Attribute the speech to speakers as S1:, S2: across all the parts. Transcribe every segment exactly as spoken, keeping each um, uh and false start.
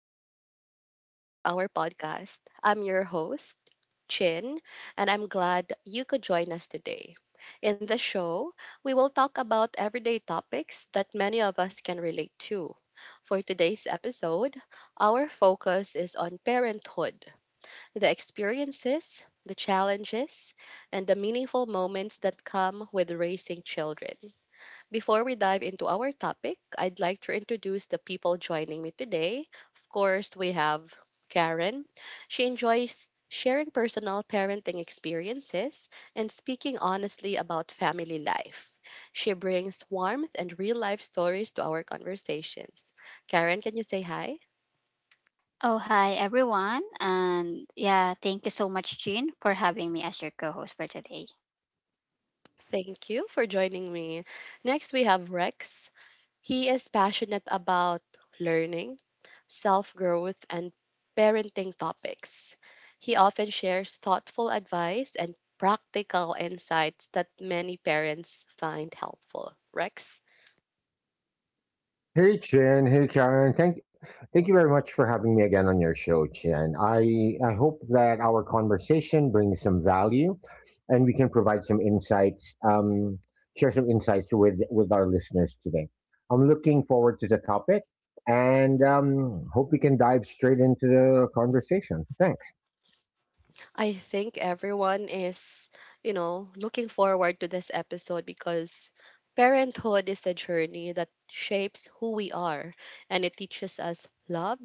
S1: everyone, and welcome back to our podcast. I'm your host, Chin, and I'm glad you could join us today. In the show, we will talk about everyday topics that many of us can relate to. For today's episode, our focus is on parenthood, the experiences, the challenges, and the meaningful moments that come with raising children. Before we dive into our topic, I'd like to introduce the people joining me today. Of course, we have Karen. She enjoys sharing personal parenting experiences and speaking honestly about family life. She brings warmth and real life stories to our conversations. Karen, can you say hi?
S2: Oh, hi everyone. And yeah, thank you so much, Jean, for having me as your co host for today.
S1: Thank you for joining me. Next, we have Rex. He is passionate about learning, self growth, and parenting topics. He often shares thoughtful advice and practical insights that many parents find helpful. Rex?
S3: Hey Chin, hey Karen. Thank thank you very much for having me again on your show, Chin. I I hope that our conversation brings some value and we can provide some insights, um, share some insights with with our listeners today. I'm looking forward to the topic and um, hope we can dive straight into the conversation. Thanks.
S1: I think everyone is, you know, looking forward to this episode because parenthood is a journey that shapes who we are and it teaches us love,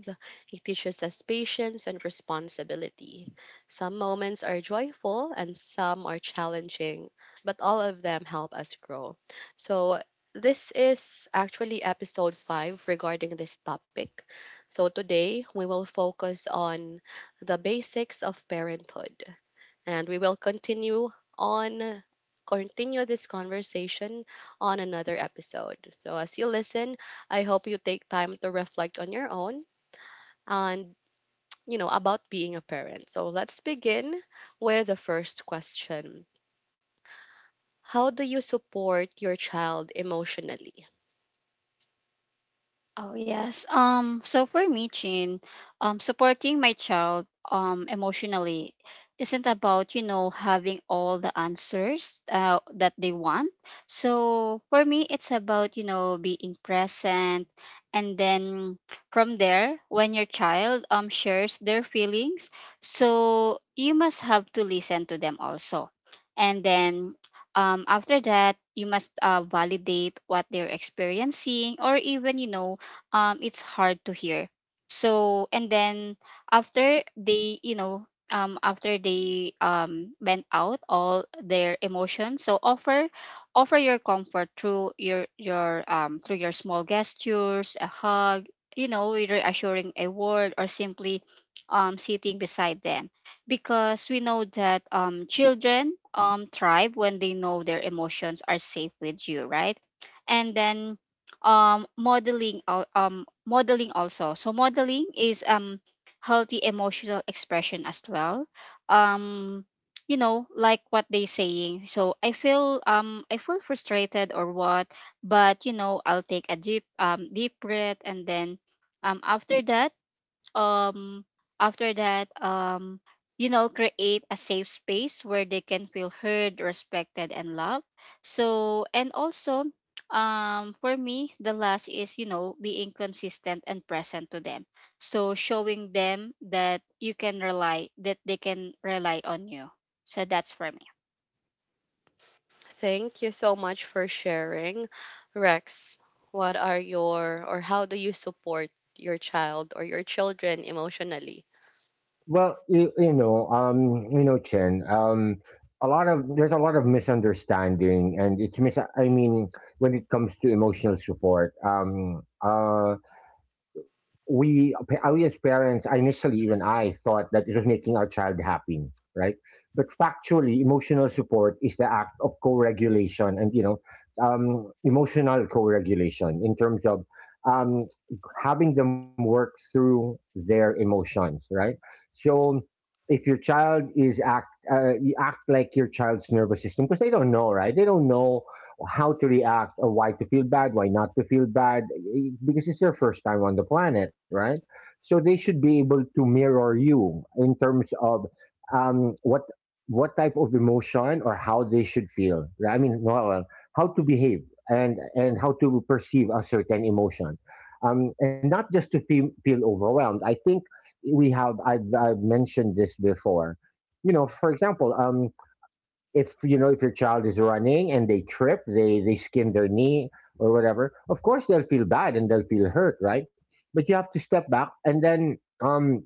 S1: it teaches us patience and responsibility. Some moments are joyful and some are challenging, but all of them help us grow. So, this is actually episode five regarding this topic. So, today we will focus on the basics of parenthood. And we will continue on continue this conversation on another episode. So as you listen, I hope you take time to reflect on your own and you know about being a parent. So let's begin with the first question. How do you support your child emotionally?
S2: Oh yes. Um so for me, Chin, um supporting my child um emotionally isn't about, you know, having all the answers uh, that they want. So for me it's about, you know, being present and then from there when your child um shares their feelings, so you must have to listen to them also. And then um, after that, you must uh, validate what they're experiencing, or even, you know, um it's hard to hear so and then after they you know um after they um vent out all their emotions, so offer offer your comfort through your your um through your small gestures, a hug, you know, reassuring a word, or simply um sitting beside them, because we know that um children um thrive when they know their emotions are safe with you, right? And then um modeling al- um modeling also so modeling is um healthy emotional expression as well. Um you know like what they saying, so I feel um I feel frustrated or what, but you know I'll take a deep um deep breath, and then um after that um after that um you know, create a safe space where they can feel heard, respected, and loved. So and also um for me, the last is, you know, being consistent and present to them, so showing them that you can rely that they can rely on you. So that's for me.
S1: Thank you so much for sharing. Rex, what are your or how do you support your child or your children emotionally?
S3: Well, you, you know, um, you know, Chen, um, a lot of there's a lot of misunderstanding, and it's mis. I mean, when it comes to emotional support, um, uh, we we as parents initially even I thought that it was making our child happy, right? But factually, emotional support is the act of co-regulation, and you know um, emotional co-regulation in terms of um, having them work through their emotions, right? So if your child is act uh, you act like your child's nervous system, because they don't know, right? They don't know how to react or why to feel bad, why not to feel bad, eh, because it's their first time on the planet, right? So they should be able to mirror you in terms of um, what what type of emotion or how they should feel. Right? I mean, well, well, how to behave, and and how to perceive a certain emotion, um, and not just to feel feel overwhelmed. I think we have I've, I've mentioned this before. You know, for example, um, if you know if your child is running and they trip, they they skin their knee or whatever, of course they'll feel bad and they'll feel hurt, right? But you have to step back and then um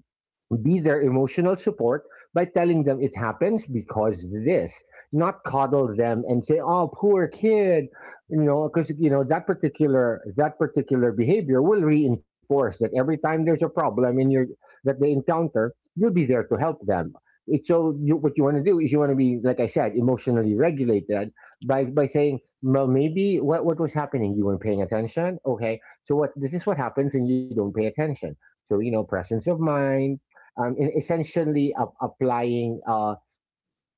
S3: be their emotional support by telling them it happens because this, not coddle them and say, "Oh, poor kid," you know, because you know that particular that particular behavior will reinforce that every time there's a problem in your that they encounter, you'll be there to help them. It's so you, what you want to do is you want to be, like I said, emotionally regulated by by saying, well, maybe what what was happening? You weren't paying attention. Okay, so what this is what happens when you don't pay attention. So you know, presence of mind um, in essentially a- applying uh,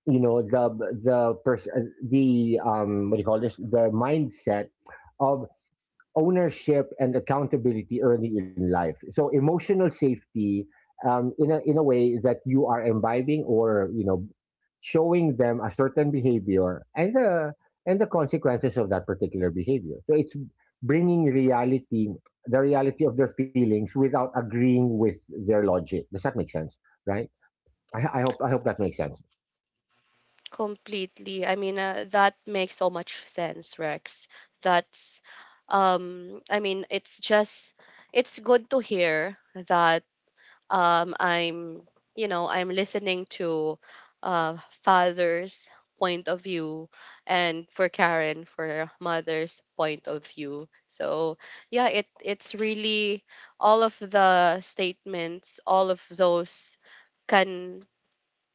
S3: you know, the the pers- uh, the um, what do you call this the mindset of ownership and accountability early in life. So emotional safety um, in a in a way that you are imbibing, or you know, showing them a certain behavior and the and the consequences of that particular behavior. So it's bringing reality, the reality of their feelings without agreeing with their logic. Does that make sense? Right? I, I hope I hope that makes sense.
S1: Completely. I mean, uh, that makes so much sense, Rex. That's, um, I mean, it's just, it's good to hear that um, I'm, you know, I'm listening to uh, father's point of view and for Karen, for mother's point of view. So, yeah, it it's really all of the statements, all of those can,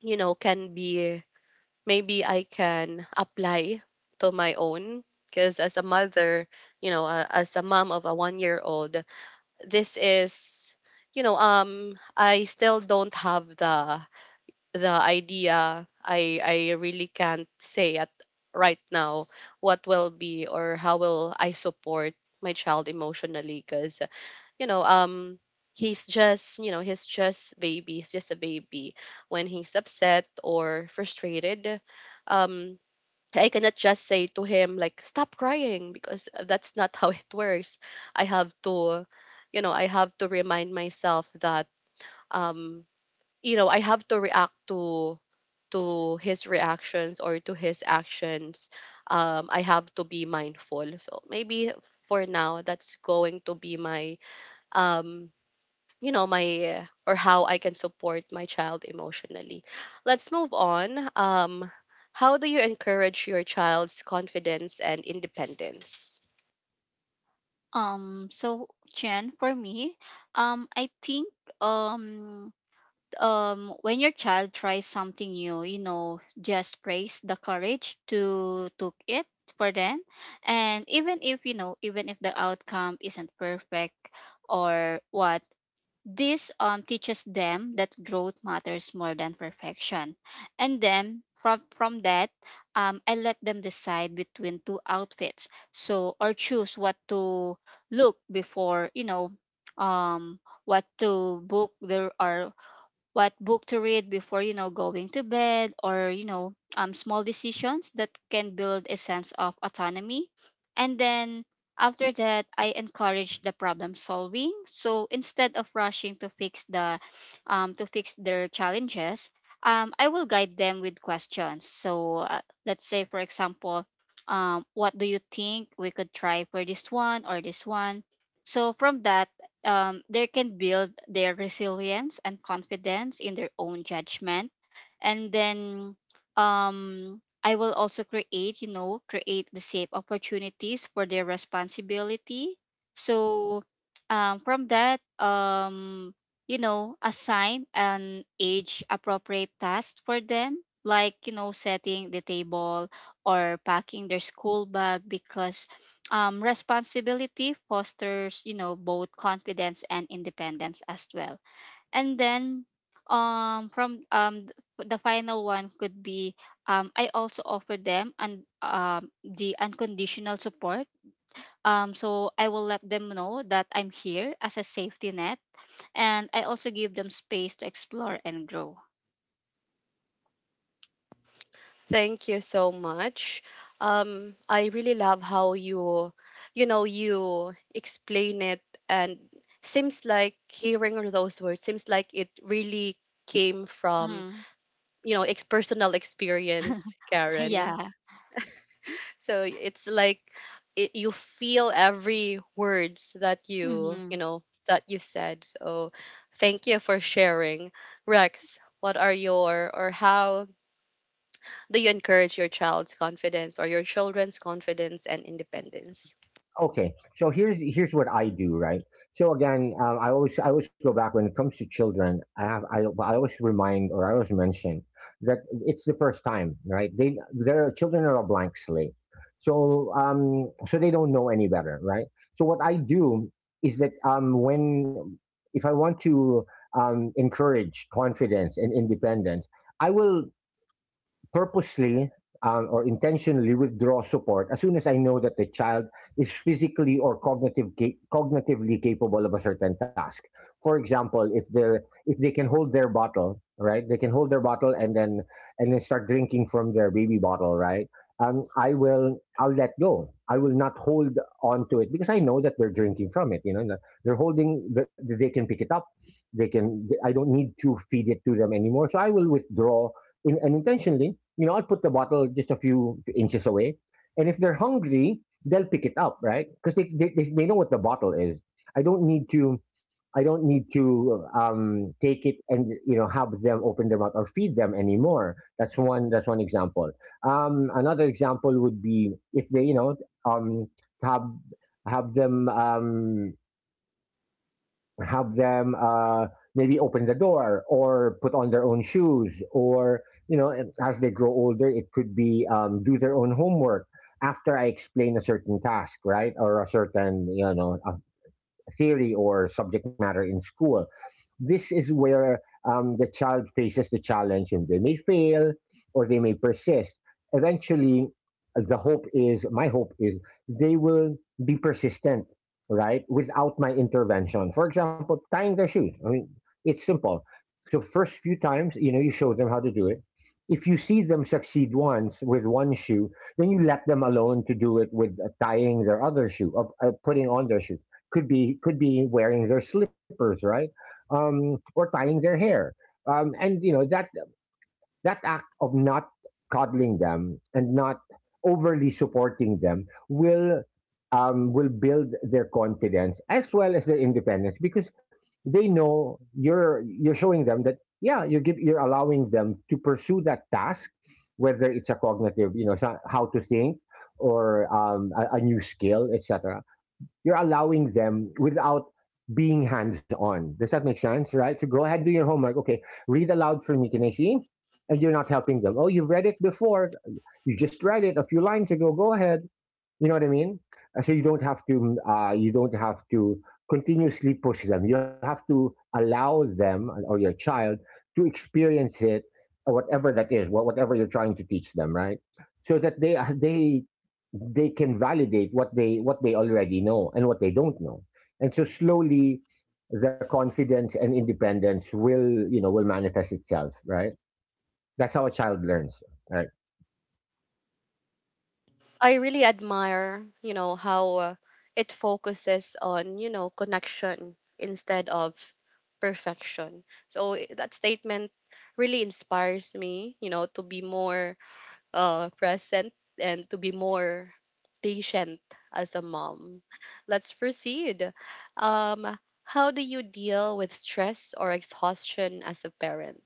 S1: you know, can be maybe I can apply to my own because as a mother, you know, uh, as a mom of a one-year-old-year-old, this is you know, um I still don't have the the idea. I I really can't say at right now what will be or how will I support my child emotionally because you know, um he's just, you know, he's just baby, he's just a baby when he's upset or frustrated. Um I cannot just say to him like stop crying because that's not how it works. I have to you know, I have to remind myself that um you know, I have to react to to his reactions or to his actions. Um I have to be mindful. So maybe for now that's going to be my um you know my or how I can support my child emotionally. Let's move on. Um, how do you encourage your child's confidence and independence?
S2: Um so Chen, for me, um i think um um when your child tries something new, you know, just praise the courage to took it for them, and even if, you know, even if the outcome isn't perfect or what, this um teaches them that growth matters more than perfection. And then from from that, um I let them decide between two outfits, so, or choose what to look before you know, um what to book there or what book to read before, you know, going to bed, or you know, um small decisions that can build a sense of autonomy. And then after that, I encourage the problem solving. So instead of rushing to fix the um to fix their challenges, um I will guide them with questions. So uh, let's say for example, um what do you think we could try for this one or this one? So from that, um, they can build their resilience and confidence in their own judgment. And then um I will also create, you know, create the safe opportunities for their responsibility. So um from that um you know, assign an age appropriate task for them, like you know, setting the table or packing their school bag, because um, responsibility fosters, you know, both confidence and independence as well. And then, um, from um, th- the final one could be, um, I also offer them and um, the unconditional support. Um, so I will let them know that I'm here as a safety net, and I also give them space to explore and grow.
S1: Thank you so much. Um, I really love how you, you know, you explain it, and seems like hearing those words seems like it really came from
S2: Mhm.
S1: you know ex- personal experience, Karen.
S2: Yeah.
S1: So it's like it, you feel every words that you, you
S2: Mhm.
S1: know, that you said. So thank you for sharing. Rex, what are your or how do you encourage your child's confidence or your children's confidence and independence?
S3: Okay, so here's here's what I do, right? So again, um, I always I always go back when it comes to children. I have I I always remind, or I always mention that it's the first time, right? They Their children are a blank slate, so um so they don't know any better, right? So what I do is that um when if I want to um encourage confidence and independence, I will purposely um, or intentionally withdraw support as soon as I know that the child is physically or cognitive ca- cognitively capable of a certain task. For example, if they if they can hold their bottle, right? They can hold their bottle and then and then start drinking from their baby bottle, right? Um, I will I'll let go. I will not hold on to it because I know that they're drinking from it. You know, they're holding. th- They can pick it up. They can. I don't need to feed it to them anymore. So I will withdraw in, and intentionally, you know, I'll put the bottle just a few inches away. And if they're hungry, they'll pick it up, right? Because they, they, they they know what the bottle is. I don't need to, I don't need to um, take it and you know have them open their mouth or feed them anymore. That's one. That's one example. Um, another example would be if they, you know, um, have have them. Um, have them uh, Maybe open the door or put on their own shoes, or you know, and as they grow older, it could be um, do their own homework after I explain a certain task, right? Or a certain, you know, a theory or subject matter in school. This is where um, the child faces the challenge and they may fail or they may persist. Eventually, uh, the hope is my hope is they will be persistent, right? Without my intervention. For example, tying their shoes. I mean, it's simple. So first few times, you know, you show them how to do it. If you see them succeed once with one shoe, then you let them alone to do it with uh, tying their other shoe or uh, putting on their shoe. Could be could be wearing their slippers, right? Um, or tying their hair. Um, and you know that that act of not coddling them and not overly supporting them will um, will build their confidence as well as their independence, because they know you're you're showing them that, yeah, you give you're allowing them to pursue that task, whether it's a cognitive, you know, so- how to think, or um, a, a new skill, etc. You're allowing them without being hands on. Does that make sense? Right? So go ahead, do your homework. Okay, read aloud for me. Can I see? And you're not helping them. Oh, you've read it before. You just read it a few lines ago. Go ahead. You know what I mean? Uh, So you don't have to mm, uh, you don't have to continuously push them. You have to allow them uh, or your child to experience it, or whatever that is, wha- whatever you're trying to teach them, right? So that they uh, they they can validate what they what they already know and what they don't know, and so slowly the confidence and independence will, you know, will manifest itself, right? That's how a child learns, right?
S1: I really admire, you know, how uh, it focuses on, you know, connection instead of perfection. So i- that statement really inspires me, you know, to be more uh, present and to be more patient as a mom. Let's proceed. Um, how do you deal with stress or exhaustion as a parent?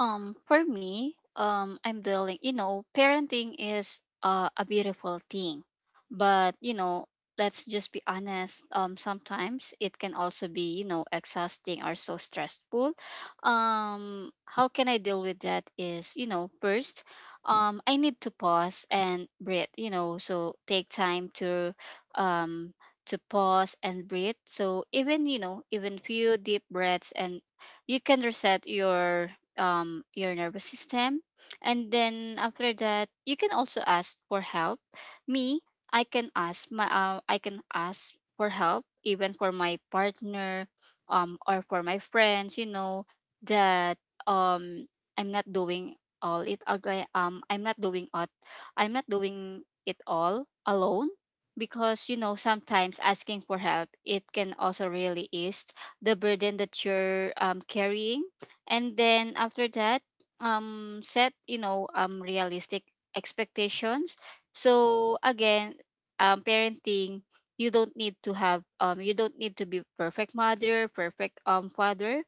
S2: Um, for me, um, I'm dealing, you know, parenting is uh, a beautiful thing. But, you know, let's just be honest, um, sometimes it can also be, you know, exhausting or so stressful. Um, how can I deal with that is, you know, first, um, I need to pause and breathe, you know, so take time to, um, to pause and breathe. So even, you know, even few deep breaths and you can reset your um your nervous system. And then after that, you can also ask for help. Me, I can ask my uh, I can ask for help, even for my partner um or for my friends, you know, that um I'm not doing all it ag- uh, um I'm not doing it I'm not doing it all alone, because you know, sometimes asking for help it can also really ease the burden that you're um, carrying. And then after that, um set, you know, um realistic expectations. So again, um parenting, you don't need to have um you don't need to be perfect mother, perfect um father.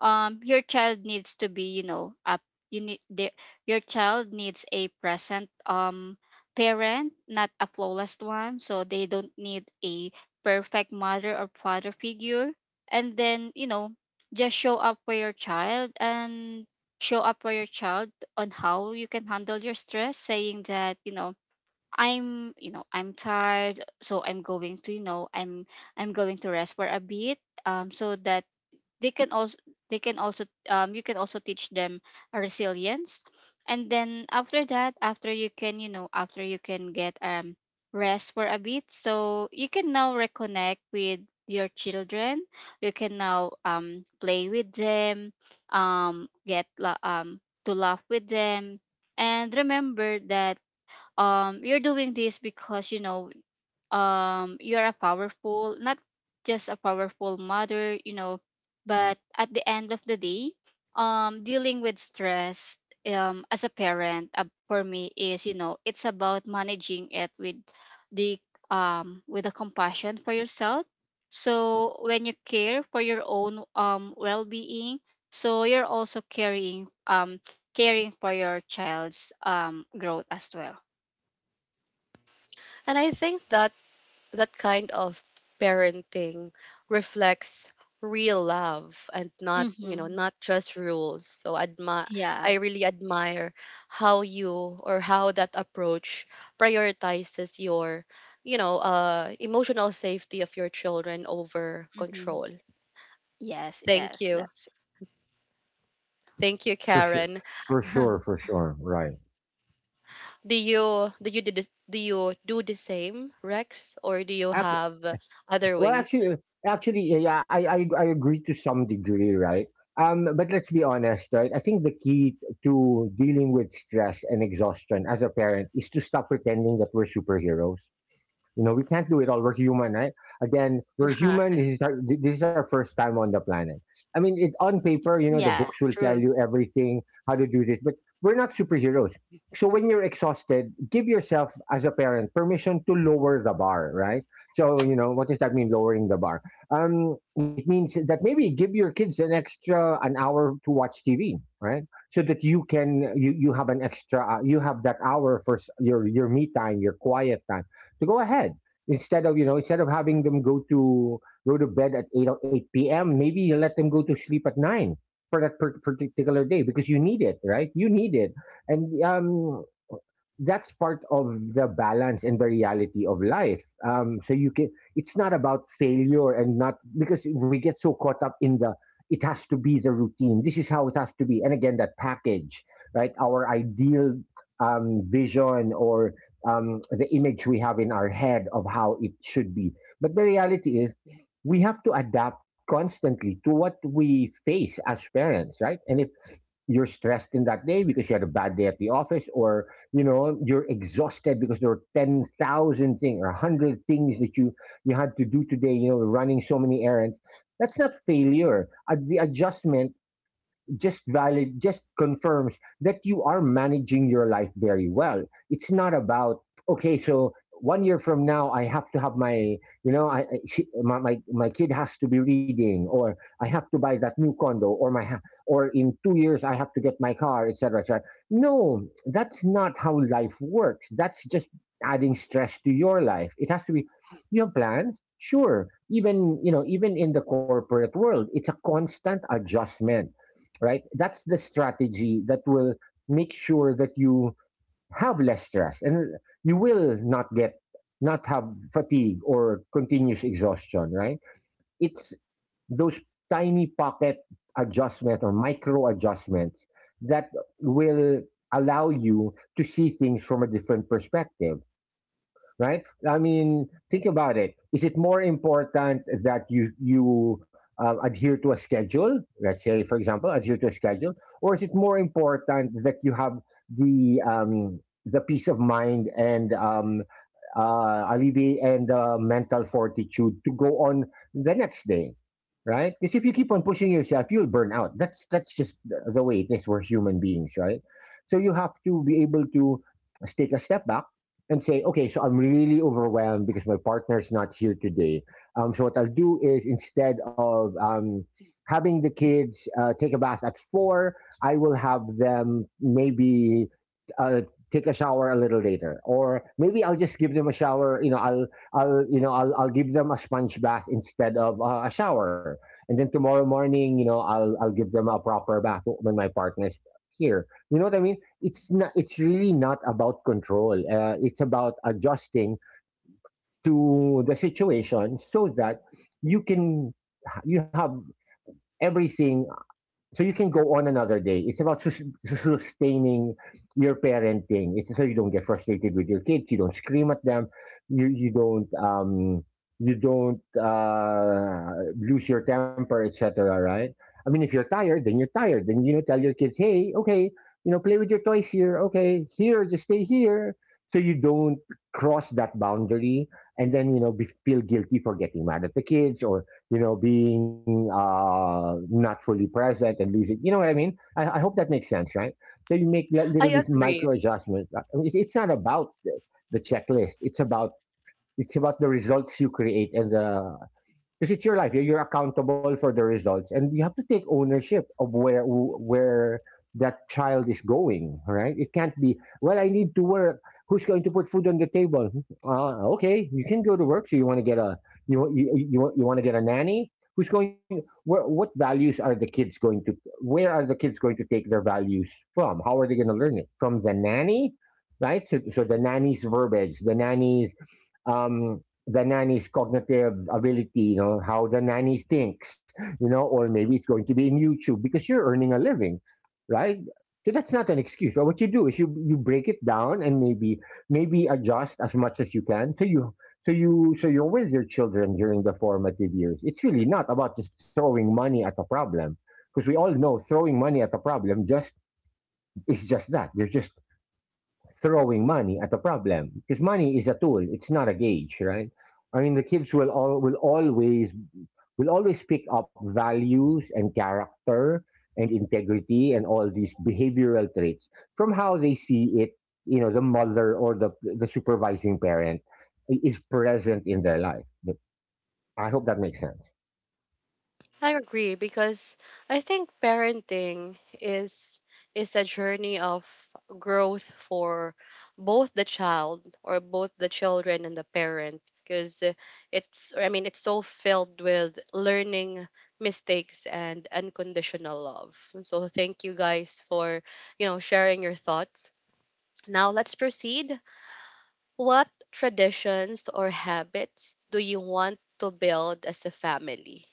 S2: Um your child needs to be, you know, up you need the, your child needs a present um parent, not a flawless one. So they don't need a perfect mother or father figure. And then you know, just show up for your child, and show up for your child on how you can handle your stress, saying that you know, I'm you know, I'm tired so I'm going to you know i'm i'm going to rest for a bit. Um so that they can also they can also um you can also teach them a resilience. And then after that, after you can you know after you can get um rest for a bit, so you can now reconnect with your children. You can now um play with them, um get la- um to laugh with them. And remember that um you're doing this because you know, um you're a powerful, not just a powerful mother, you know. But at the end of the day, um dealing with stress um as a parent, uh, for me, is, you know, it's about managing it with the um with a compassion for yourself. So when you care for your own um well-being, so you're also caring um caring for your child's um growth as well.
S1: And I think that that kind of parenting reflects real love and not you know
S2: Mm-hmm.
S1: not just rules. So admi-
S2: Yeah.
S1: i really admire how you or how that approach prioritizes your you know uh emotional safety of your children over
S2: Mm-hmm.
S1: control.
S2: Yes,
S1: Thank
S2: yes,
S1: you.
S2: that's
S1: Thank you,
S3: For sure,
S1: Karen.
S3: for sure, for sure, right?
S1: Do you do you do, this, do you do the same, Rex, or do you have other
S3: Well,
S1: ways?
S3: actually, uh, actually, yeah, yeah, I, I, I agree to some degree, right? Um, but let's be honest, right? I think the key to dealing with stress and exhaustion as a parent is to stop pretending that we're superheroes. You know, we can't do it all. We're human, right? Again, we're human.
S1: Right,
S3: This is our, this is our first time on the planet. I mean, it on paper, you know, the
S2: yeah,
S3: books will tell
S2: true.
S3: you everything how to do this, but we're not superheroes. So when you're exhausted, give yourself as a parent permission to lower the bar, right? So you know, what does that mean? Lowering the bar. Um, it means that maybe give your kids an extra an hour to watch T V, right? So that you can you you have an extra uh, you have that hour for s- your your me time, your quiet time, to go ahead. Instead of, you know instead of having them go to go to bed at eight or eight p m, maybe you let them go to sleep at nine for that per- particular day, because you need it, right? You need it. And um, that's part of the balance and the reality of life. Um, so you can, it's not about failure, and not because we get so caught up in the, it has to be the routine. This is how it has to be. And again, that package, right? Our ideal um, vision or um, the image we have in our head of how it should be. But the reality is, we have to adapt constantly to what we face as parents, right? And if you're stressed in that day because you had a bad day at the office, or you know you're exhausted because there were ten thousand things or one hundred things that you you had to do today, you know, running so many errands, that's not failure. Uh, the adjustment just valid just confirms that you are managing your life very well. It's not about, okay, so one year from now I have to have my, you know, I, I she, my, my my kid has to be reading, or I have to buy that new condo, or my ha- or in two years I have to get my car, etc, etc. No, that's not how life works. That's just adding stress to your life. It has to be, you have plans, sure. Even you know, even in the corporate world, it's a constant adjustment, right? That's the strategy that will make sure that you have less stress and you will not get not have fatigue or continuous exhaustion, right? It's those tiny pocket adjustment or micro adjustments that will allow you to see things from a different perspective, right? I mean, think about it. Is it more important that you you um, adhere to a schedule? Let's say, for example, adhere to a schedule, or is it more important that you have the um, the peace of mind and um, uh, alleviate and uh, mental fortitude to go on the next day, right? Because if you keep on pushing yourself, you'll burn out. That's that's just the the way it is. We're human beings, right? So you have to be able to take a step back and say, okay, so I'm really overwhelmed because my partner's not here today. Um, so what I'll do is instead of um, having the kids uh, take a bath at four, I will have them maybe uh, take a shower a little later, or maybe I'll just give them a shower. You know, I'll I'll you know I'll I'll give them a sponge bath instead of uh, a shower, and then tomorrow morning, you know, I'll I'll give them a proper bath when my partner's here. You know what I mean? It's not. It's really not about control. Uh, it's about adjusting to the situation so that you can you have everything so you can go on another day. It's about sus- sustaining your parenting. It's so you don't get frustrated with your kids. You don't scream at them. You you don't um you don't uh, lose your temper, et cetera. Right? I mean, if you're tired, then you're tired. Then, you know, tell your kids, hey, okay, you know, play with your toys here. Okay, here, just stay here. So you don't cross that boundary, and then, you know, be, feel guilty for getting mad at the kids or, you know, being uh, not fully present and losing. You know what I mean? I, I hope that makes sense, right? So you make li- little
S1: i
S3: these
S1: agree
S3: micro adjustments. I mean, It's, it's not about the, the checklist. It's about, it's about the results you create and the, because it's your life. You're, you're accountable for the results, and you have to take ownership of where where that child is going. Right? It can't be, well, I need to work. Who's going to put food on the table? Uh, okay, you can go to work. So you want to get a, you you you, you want to get a nanny? Who's going? Where, what values are the kids going to? Where are the kids going to take their values from? How are they going to learn it from the nanny? Right, so, so the nanny's verbiage, the nanny's um, the nanny's cognitive ability, you know, how the nanny thinks, you know, or maybe it's going to be in YouTube because you're earning a living, right? So that's not an excuse. But what you do is you you break it down and maybe maybe adjust as much as you can so you so you so you're with your children during the formative years. It's really not about just throwing money at a problem because we all know throwing money at a problem just is just that. You're just throwing money at a problem because money is a tool, it's not a gauge, right? I mean, the kids will all will always will always pick up values and character and integrity and all these behavioral traits from how they see it, you know, the mother or the the supervising parent is present in their life. I hope that makes sense.
S1: I agree because I think parenting is is a journey of growth for both the child or both the children and the parent because it's I mean it's so filled with learning mistakes and unconditional love. So thank you guys for, you know, sharing your thoughts. Now let's proceed. What traditions or habits do you want to build as a family?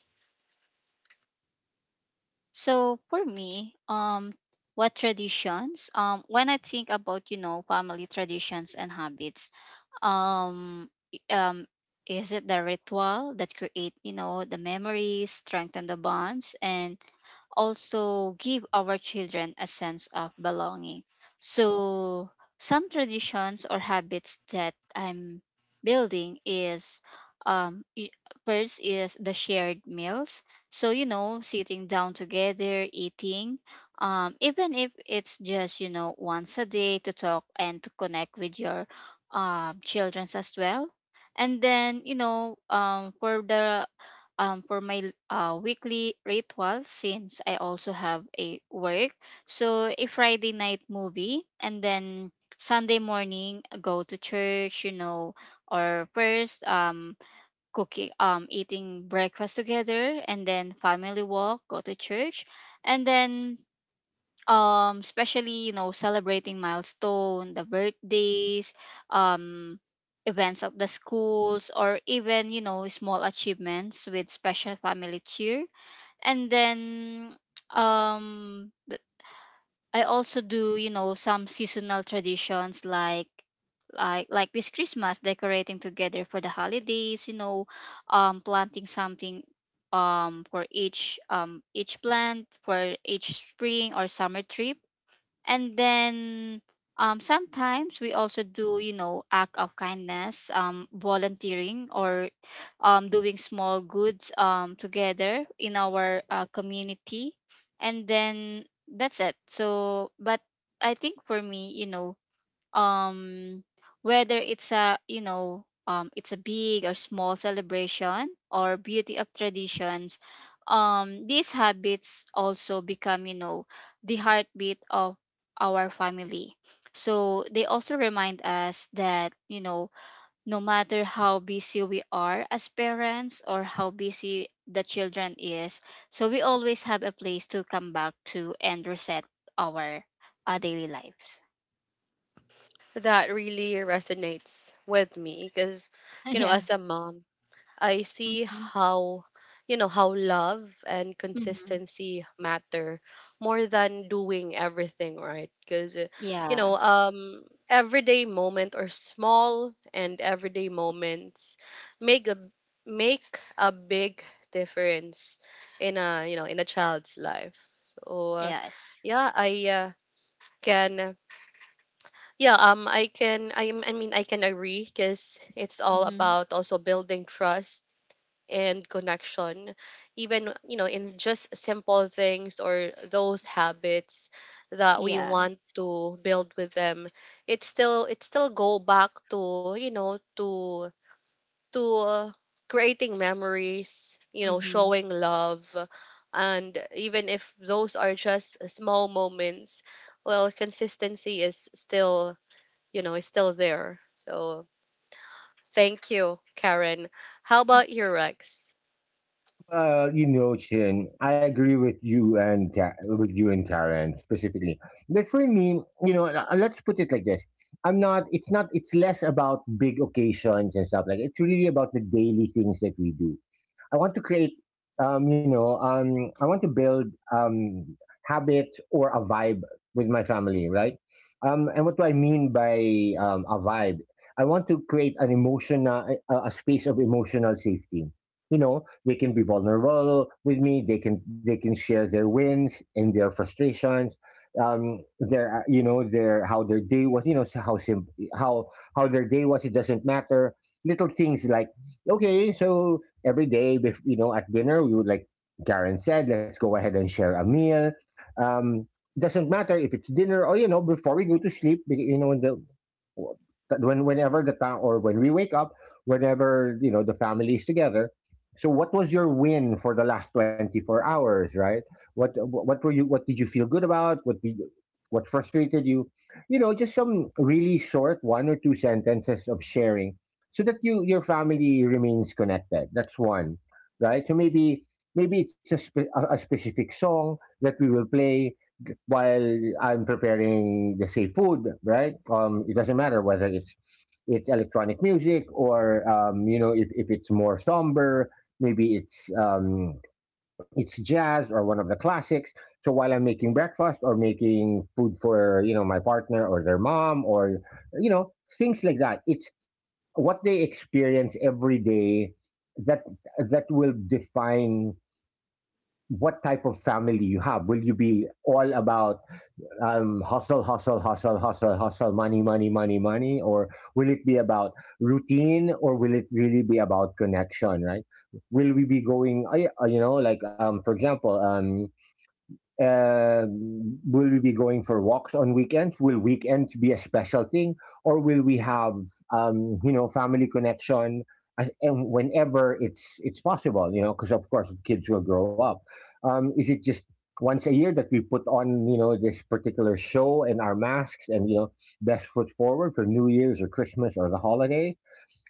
S2: So for me, um, what traditions? Um, when I think about, you know, family traditions and habits, um i- um is it the ritual that create, you know, the memories, strengthen the bonds, and also give our children a sense of belonging. So some traditions or habits that I'm building is um i- first is the shared meals. So you know, sitting down together, eating, um even if it's just, you know, once a day, to talk and to connect with your um, children's as well. And then you know, um, for the um, for my uh, weekly ritual, since I also have a work, so a Friday night movie, and then Sunday morning go to church, you know, or first um cooking, um eating breakfast together, and then family walk, go to church. And then um especially, you know, celebrating milestone, the birthdays, um events of the schools, or even, you know, small achievements with special family cheer. And then um th- I also do, you know, some seasonal traditions like like like this Christmas, decorating together for the holidays, you know, um planting something, um for each um each plant for each spring or summer trip. And then um sometimes we also do, you know, act of kindness, um volunteering, or um doing small goods um together in our uh, community. And then that's it. So but I think for me, you know, um whether it's a, you know, um it's a big or small celebration, or beauty of traditions, um these habits also become, you know, the heartbeat of our family. So they also remind us that, you know, no matter how busy we are as parents, or how busy the children is, so we always have a place to come back to and reset our uh, daily lives.
S1: That really resonates with me because you know
S2: Yeah.
S1: as a mom I see
S2: Mm-hmm.
S1: how you know how love and
S2: Mhm.
S1: consistency matter more than doing everything right because you know
S2: Yeah.
S1: um everyday moment or small and everyday moments make a make a big difference in a you know in a child's life, so uh,
S2: Yes.
S1: yeah. I uh, can Yeah, um, I can, I am, I mean, I can agree because it's all
S2: Mhm.
S1: about also building trust and connection, even you know, in just simple things or those habits that we
S2: Yeah.
S1: want to build with them. It still, it still go back to you know to to uh, creating memories, you know,
S2: Mhm.
S1: showing love, and even if those are just small moments, well, consistency is still you know, is still there. So thank you, Karen. How about your, Rex?
S3: Uh, you know, Chin, I agree with you and Ka- with you and Karen specifically. But for me, you know, uh, let's put it like this: I'm not. It's not. It's less about big occasions and stuff like. It's really about the daily things that we do. I want to create, um, you know, um, I want to build um, habits or a vibe with my family, right? Um, and what do I mean by um, a vibe? I want to create an emotion, uh, a, a space of emotional safety. You know, they can be vulnerable with me. They can they can share their wins and their frustrations, um, their uh, you know, their how their day was. You know, how simple, how how their day was. It doesn't matter. Little things like, okay, so every day, bef- you know, at dinner, we would, like Karen said, let's go ahead and share a meal. Um, doesn't matter if it's dinner or, you know, before we go to sleep, be- you know, in the that when, whenever the town or when we wake up, whenever, you know, the family is together. So, what was your win for the last twenty four hours? Right? What what were you? What did you feel good about? What did, what frustrated you? You know, just some really short one or two sentences of sharing, so that you, your family remains connected. That's one, right? So maybe maybe it's a, spe- a a specific song that we will play while I'm preparing the same food, right? Um, it doesn't matter whether it's it's electronic music or um, you know, if, if it's more somber, maybe it's um, it's jazz or one of the classics. So while I'm making breakfast or making food for, you know, my partner or their mom or, you know, things like that, it's what they experience every day that that will define what type of family you have. Will you be all about um, hustle, hustle, hustle, hustle, hustle, money, money, money, money? Or will it be about routine, or will it really be about connection, right? Will we be going, uh, yeah, uh, you know, like, um, for example, um, uh, will we be going for walks on weekends? Will weekends be a special thing, or will we have um, you know, family connection as- and whenever it's it's possible? You know, because of course kids will grow up. Um, is it just once a year that we put on, you know, this particular show and our masks and, you know, best foot forward for New Year's or Christmas or the holiday,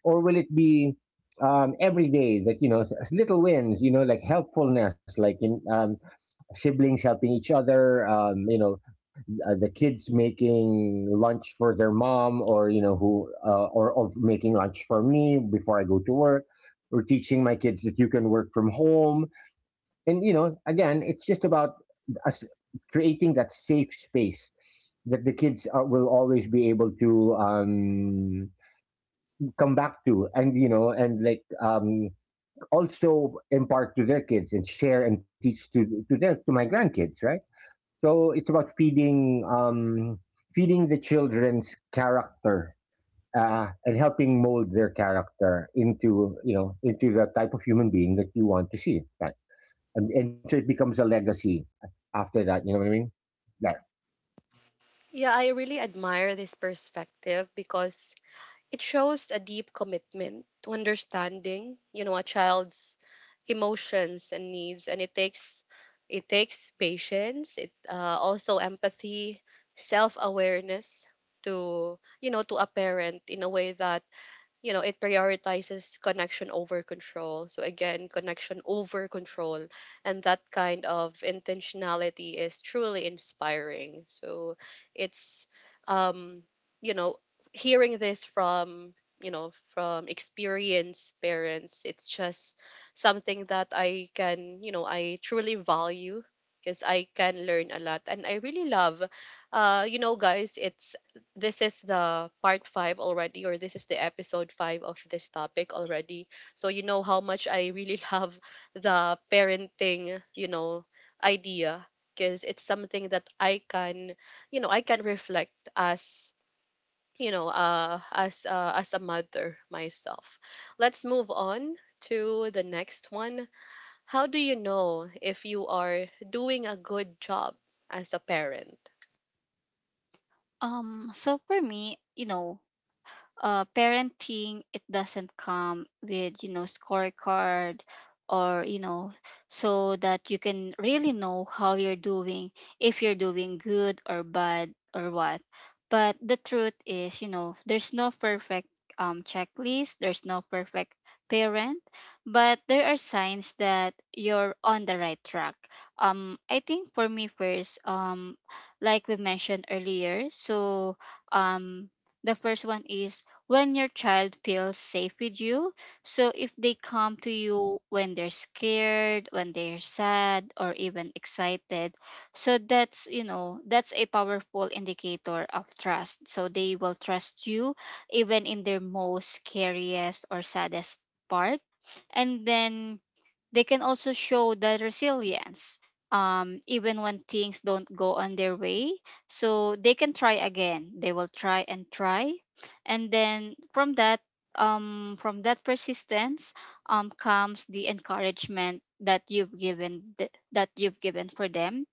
S3: or will it be um, every day that, you know, s- little wins, you know, like helpfulness, like in um, siblings helping each other, um, you know, uh, the kids making lunch for their mom or, you know, who uh, or of making lunch for me before I go to work, or teaching my kids that you can work from home, and, you know, again, it's just about us creating that safe space that the kids are, will always be able to um, come back to, and, you know, and like, um, also impart to their kids and share and teach to to their, to my grandkids, right? So it's about feeding um, feeding the children's character, uh, and helping mold their character into, you know, into the type of human being that you want to see, right? And, and so it becomes a legacy after that. You know what I mean? Like,
S1: Yeah, I really admire this perspective because it shows a deep commitment to understanding, you know, a child's emotions and needs, and it takes it takes patience. It uh, also empathy, self awareness to you know to a parent in a way that you know it prioritizes connection over control, so again, connection over control, and that kind of intentionality is truly inspiring. So it's um you know hearing this from you know from experienced parents, it's just something that i can you know i truly value because I can learn a lot. And I really love, uh you know guys, it's this is the part five already, or this is the episode five of this topic already. So you know how much I really love the parenting, you know, idea because it's something that I can, you know, I can reflect as you know, uh, as uh, as a mother myself. Let's move on to the next one. How do you know if you are doing a good job as a parent?
S2: Um so for me, you know, uh, parenting, it doesn't come with, you know, scorecard, or you know, so that you can really know how you're doing, if you're doing good or bad or what. But the truth is, you know, there's no perfect um, checklist, there's no perfect parent. But there are signs that you're on the right track. Um i think for me first, um like we mentioned earlier, so um the first one is when your child feels safe with you. So if they come to you when they're scared, when they're sad, or even excited, so that's, you know, that's a powerful indicator of trust. So they will trust you even in their most scariest or saddest part. And then they can also show the resilience um even when things don't go on their way, so they can try again, they will try and try. And then from that, um from that persistence um comes the encouragement that you've given th- that you've given for them.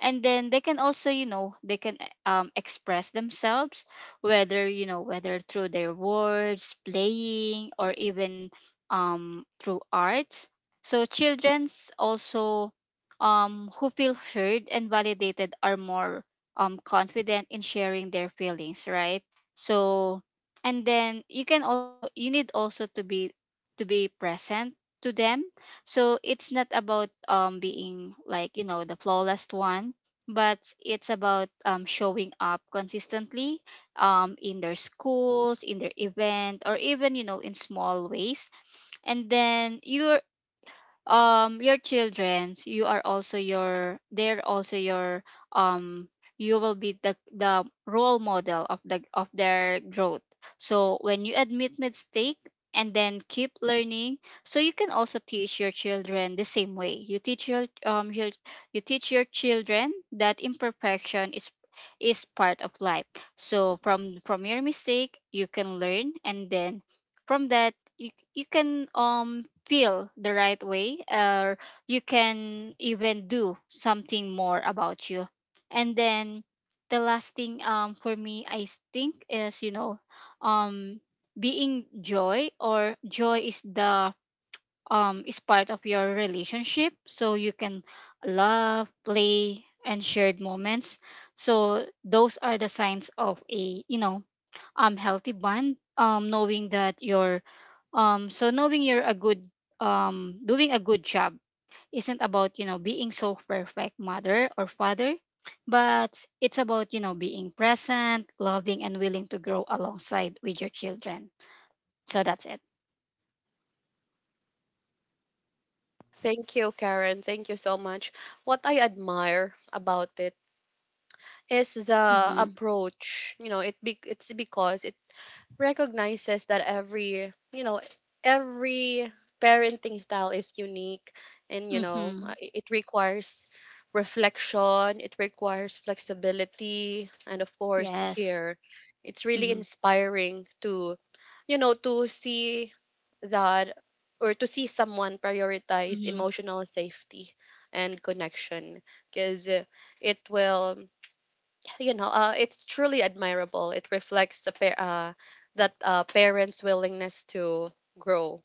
S2: And then they can also, you know, they can um, express themselves, whether, you know, whether through their words, playing, or even um, through arts. So children's also um, who feel heard and validated are more um, confident in sharing their feelings, right? So and then you can also, you need also to be to be present to them. So it's not about um being like, you know, the flawless one, but it's about um showing up consistently um in their schools, in their event, or even, you know, in small ways. And then you um your childrens you are also your they're also your um you will be the the role model of the of their growth. So when you admit mistake and then keep learning, so you can also teach your children the same way you teach your um your, you teach your children that imperfection is is part of life. So from from your mistake you can learn, and then from that you, you can um feel the right way, or you can even do something more about you. And then the last thing, um for me I think is, you know um being joy or joy is the, um is part of your relationship, so you can love, play, and shared moments. So those are the signs of a, you know um healthy bond, um knowing that you're um so knowing you're a good, um doing a good job isn't about, you know, being so perfect mother or father, but it's about, you know, being present, loving, and willing to grow alongside with your children. So that's it.
S1: Thank you, Karen. Thank you so much. What I admire about it is the
S2: Mm-hmm.
S1: approach. You know, it be, it's because it recognizes that every, you know, every parenting style is unique and you know,
S2: Mm-hmm.
S1: uh, i- it requires reflection, it requires flexibility and of course
S2: Yes.
S1: care. It's really
S2: Mm-hmm.
S1: inspiring to you know to see that or to see someone prioritize
S2: Mm-hmm.
S1: emotional safety and connection because it will you know uh, it's truly admirable. It reflects the pa- uh, that uh, parents willingness to grow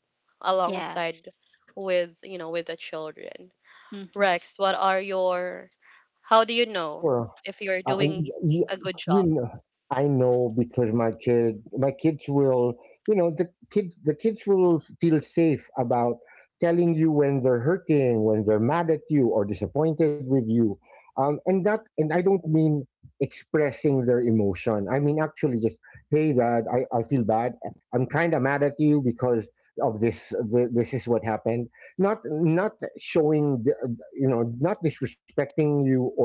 S2: Yes.
S1: alongside with you know with the children.
S2: Mm-hmm.
S1: Rex, what are your how do you know
S3: sure.
S1: if you're
S3: Uh,
S1: doing
S3: you,
S1: a good
S3: you,
S1: job?
S3: know, I know because my kid, my kids will, you know, the kids, the kids will feel safe about telling you when they're hurting, when they're mad at you or disappointed with you, um, and that, and I don't mean expressing their emotion. I mean actually just, hey, dad, I, I feel bad. I'm kind of mad at you because of this. th- This is what happened. Not, not showing, the- you know, not disrespecting you or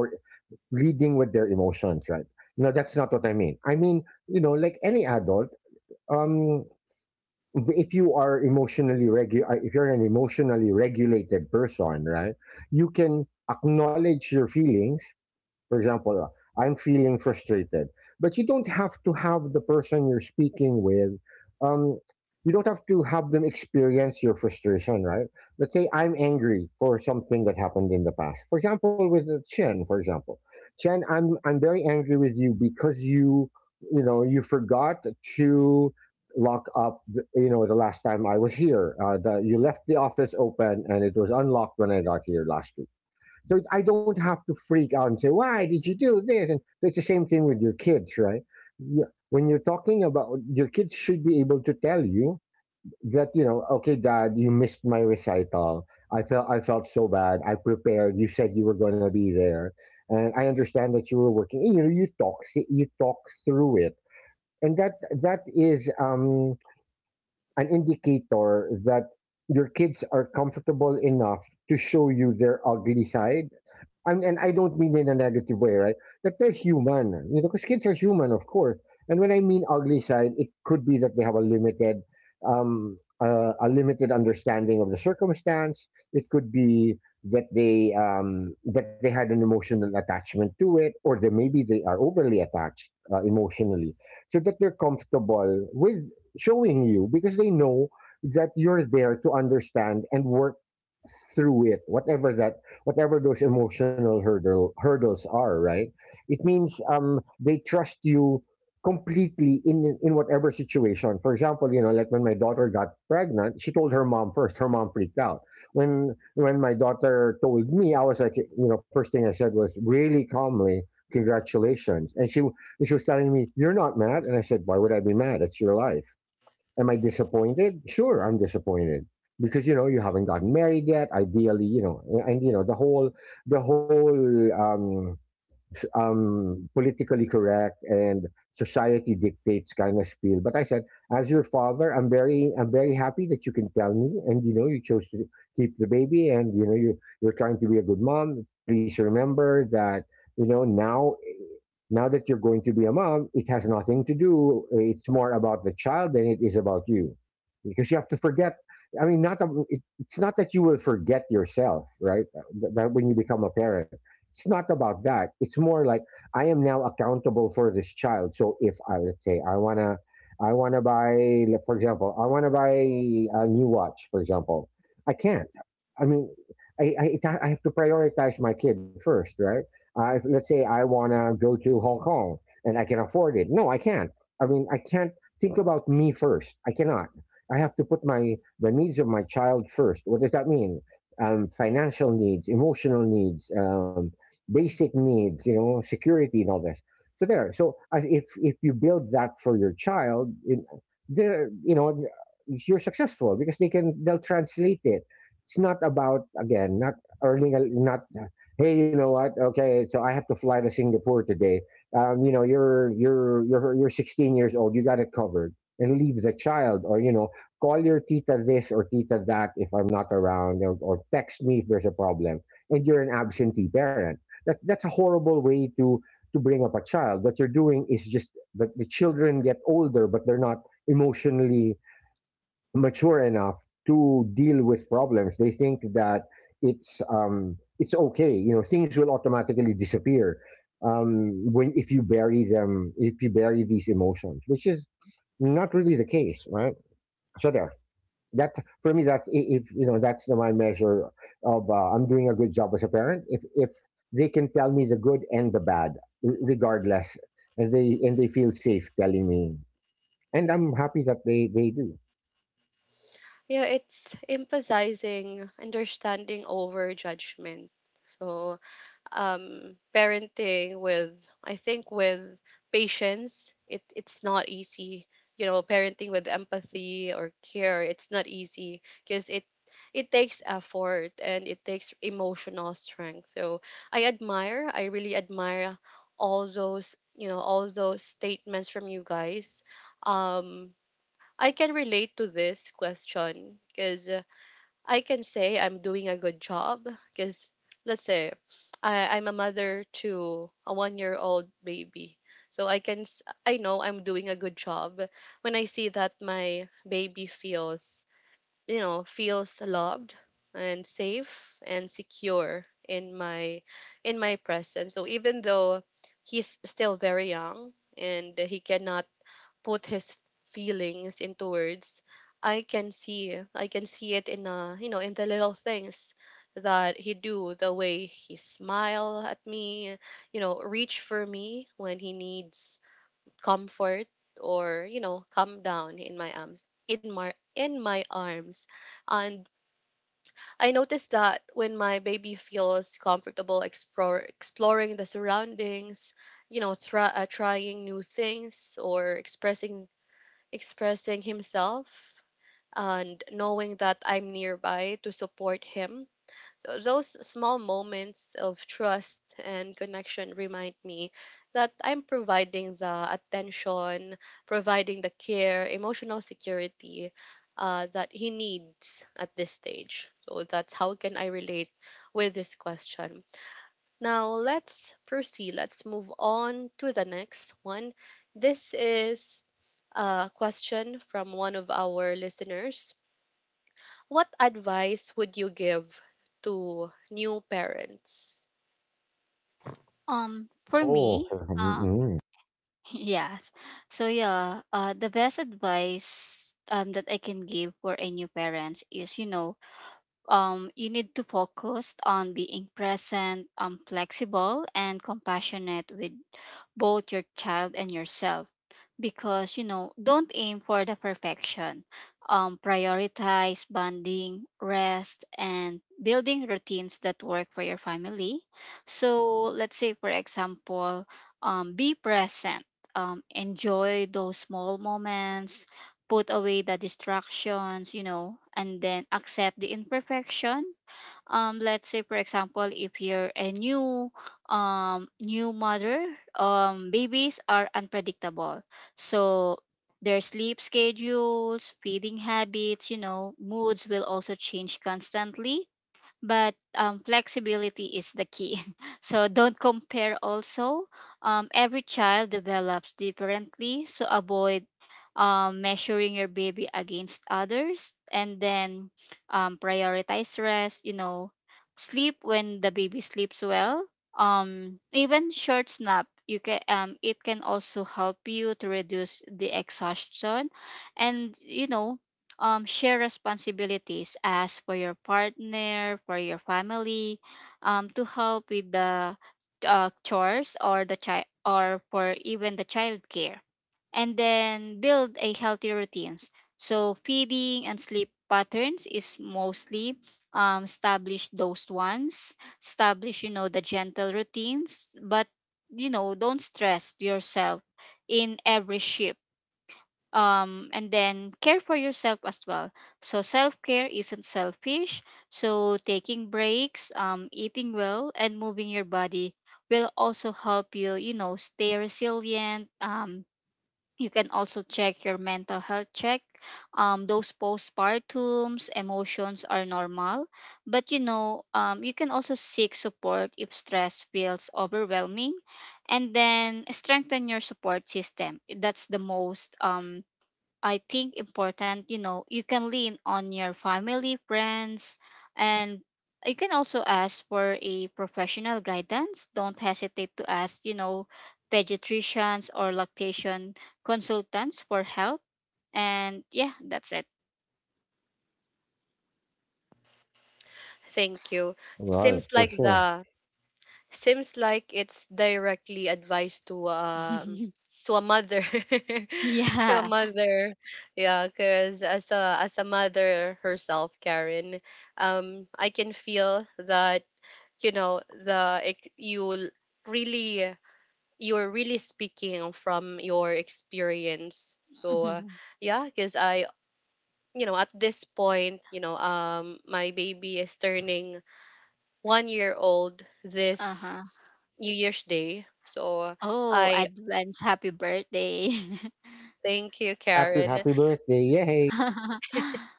S3: leading with their emotions, right? No, that's not what I mean. I mean, you know, like any adult, um, if you are emotionally regu- uh, if you're an emotionally regulated person, right, you can acknowledge your feelings, for example, uh, I'm feeling frustrated, but you don't have to have the person you're speaking with. Um, you don't have to have them experience your frustration, right? Let's say I'm angry for something that happened in the past. For example, with uh, Chen, for example, Chen, I'm I'm very angry with you because you you know, you forgot to lock up the, you know, the last time I was here, uh, the, you left the office open and it was unlocked when I got here last week, so I don't have to freak out and say, why did you do this? And so it's the same thing with your kids, right? Yeah, when you're talking about, your kids should be able to tell you that, you know, okay, dad, you missed my recital. I felt I felt so bad. I prepared. You said you were gonna be there. And I understand that you were working. You know, you talk you talk through it. And that that is um an indicator that your kids are comfortable enough to show you their ugly side. And, and I don't mean in a negative way, right? That they're human, you know, because kids are human, of course. And when I mean ugly side, it could be that they have a limited, um, uh, a limited understanding of the circumstance. It could be that they um, that they had an emotional attachment to it, or that maybe they are overly attached uh, emotionally, so that they're comfortable with showing you because they know that you're there to understand and work through it, whatever that, whatever those emotional hurdle hurdles are, right? It means um they trust you completely in in whatever situation. For example, you know, like when my daughter got pregnant, she told her mom first. Her mom freaked out. When when my daughter told me, I was like, you know, first thing I said was really calmly, congratulations. And she and she was telling me, "You're not mad?" And I said, "Why would I be mad? It's your life." Am I disappointed? Sure, I'm disappointed because you know you haven't gotten married yet. Ideally, you know, a- and you know the whole the whole um, s- um, politically correct and society dictates kind of spiel. But I said, as your father, I'm very I'm very happy that you can tell me, and you know you chose to keep the baby, and you know you you're trying to be a good mom. Please remember that you know now now that you're going to be a mom, it has nothing to do. It's more about the child than it is about you, because you have to forget. I mean, not ab- it, it's not that you will forget yourself, right? Th- That when you become a parent, it's not about that. It's more like I am now accountable for this child. So if I, let say I wanna, I wanna buy, like, for example, I wanna buy a new watch, for example, I can't. I mean, I I, it ha- I have to prioritize my kid first, right? I, let's say I want to go to Hong Kong and I can afford it. No, I can't. I mean, I can't think about me first. I cannot. I have to put my the needs of my child first. What does that mean? Um, financial needs, emotional needs, um, basic needs. You know, security and all this. So there. So I- if if you build that for your child, it, there, you know, you're successful because they can they'll translate it. It's not about, again, not earning a, not, hey, you know what? Okay, so I have to fly to Singapore today. Um, you know, you're you're you're you're sixteen years old. You got it covered, and leave the child, or you know, call your tita this or tita that if I'm not around, or, or text me if there's a problem. And you're an absentee parent. That that's a horrible way to to bring up a child. What you're doing is just that the children get older, but they're not emotionally mature enough to deal with problems. They think that it's um, it's okay. You know, things will automatically disappear um, when, if you bury them, if you bury these emotions, which is not really the case, right? So there. That for me, that's i- if you know that's the, my measure of uh, I'm doing a good job as a parent. If if they can tell me the good and the bad, r- regardless, and they and they feel safe telling me, and I'm happy that they they do.
S1: Yeah, it's emphasizing understanding over judgment. So um, parenting with, I think, with patience, it it's not easy. You know, parenting with empathy or care, it's not easy because it it takes effort and it takes emotional strength. So I admire I really admire all those you know all those statements from you guys. um I can relate to this question because I can say I'm doing a good job because, let's say, I, I'm a mother to a one year old baby. So I can s- I know I'm doing a good job when I see that my baby feels you know feels loved and safe and secure in my in my presence. So even though he's still very young and he cannot put his feelings into words, i can see i can see it in uh you know in the little things that he do, the way he smile at me, you know reach for me when he needs comfort, or you know calm down in my arms in my in my arms And I noticed that when my baby feels comfortable explore, exploring the surroundings, you know try, uh, trying new things or expressing expressing himself, and knowing that I'm nearby to support him. So those small moments of trust and connection remind me that I'm providing the attention, providing the care, emotional security uh, that he needs at this stage. So that's how can I relate with this question. Now let's proceed. Let's move on to the next one. This is a question from one of our listeners. What advice would you give to new parents?
S2: um for
S3: Oh,
S2: me
S3: for,
S2: Uh,
S3: mm,
S2: yes. So yeah, uh, the best advice um, that I can give for a new parents is, you know, um, you need to focus on being present, um, flexible, and compassionate with both your child and yourself, because you know, don't aim for the perfection. Um prioritize bonding, rest, and building routines that work for your family. So let's say, for example, um be present, um enjoy those small moments, put away the distractions, you know, and then accept the imperfection. Um let's say, for example, if you're a new, um new mother, um babies are unpredictable. So their sleep schedules, feeding habits, you know, moods will also change constantly. But um, flexibility is the key. So don't compare also. Um, every child develops differently, so avoid um, measuring your baby against others, and then um, prioritize rest, you know, sleep when the baby sleeps well. Um, even short nap, you can, um, it can also help you to reduce the exhaustion, and you know, um, share responsibilities as for your partner, for your family, um, to help with the uh, chores or the child, or for even the child care. And then build a healthy routines. So feeding and sleep patterns is mostly, um, establish those ones, establish, you know, the gentle routines, but you know, don't stress yourself in every shift. Um and then care for yourself as well. So self-care isn't selfish. So taking breaks, um eating well, and moving your body will also help you, you know, stay resilient. Um you can also check your mental health check. Um those postpartums emotions are normal, but you know, um you can also seek support if stress feels overwhelming. And then strengthen your support system. That's the most, um I think, important. You know, you can lean on your family, friends, and you can also ask for a professional guidance. Don't hesitate to ask, you know, pediatricians or lactation consultants for help. And yeah, that's it.
S1: Thank you.
S3: right,
S1: Seems
S3: for
S1: like
S3: sure.
S1: the seems like it's directly advice to, um to a mother. To a
S2: Yeah.
S1: mother. Yeah, because as a as a mother herself, Karen, um, I can feel that you know the ex- you really you're really speaking from your experience. So, uh, yeah, because I, you know, at this point, you know, um my baby is turning one year old
S2: Uh
S1: this
S2: huh.
S1: New Year's Day. So, uh,
S2: Oh,
S1: I
S2: advance happy birthday.
S1: thank you,
S3: Happy
S1: Karen.
S3: happy birthday, yay!
S2: Mm-hmm.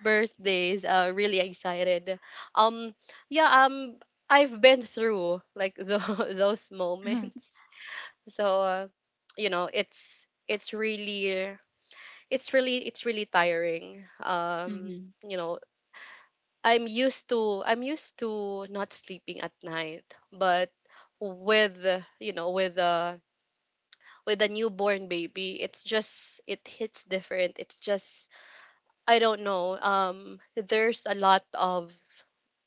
S1: Birthdays, uh really excited. um yeah. um I've been through like tho- those moments. So, uh, you know, it's it's really, it's really it's really tiring um
S2: Mm-hmm.
S1: you know i'm used to i'm used to not sleeping at night, but with uh, you know, with a with a newborn baby, it's just, it hits different. It's just, I don't know. Um, there's a lot of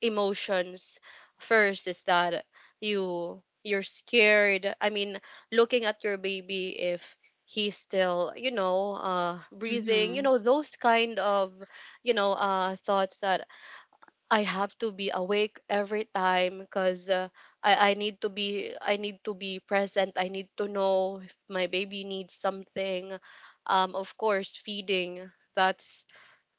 S1: emotions. First is that you you're scared. I mean, looking at your baby if he's still, you know, uh, breathing. You know, those kind of, you know, uh, thoughts that I have to be awake every time because uh, I I need to be I need to be present. I need to know if my baby needs something. Um, of course, feeding. That's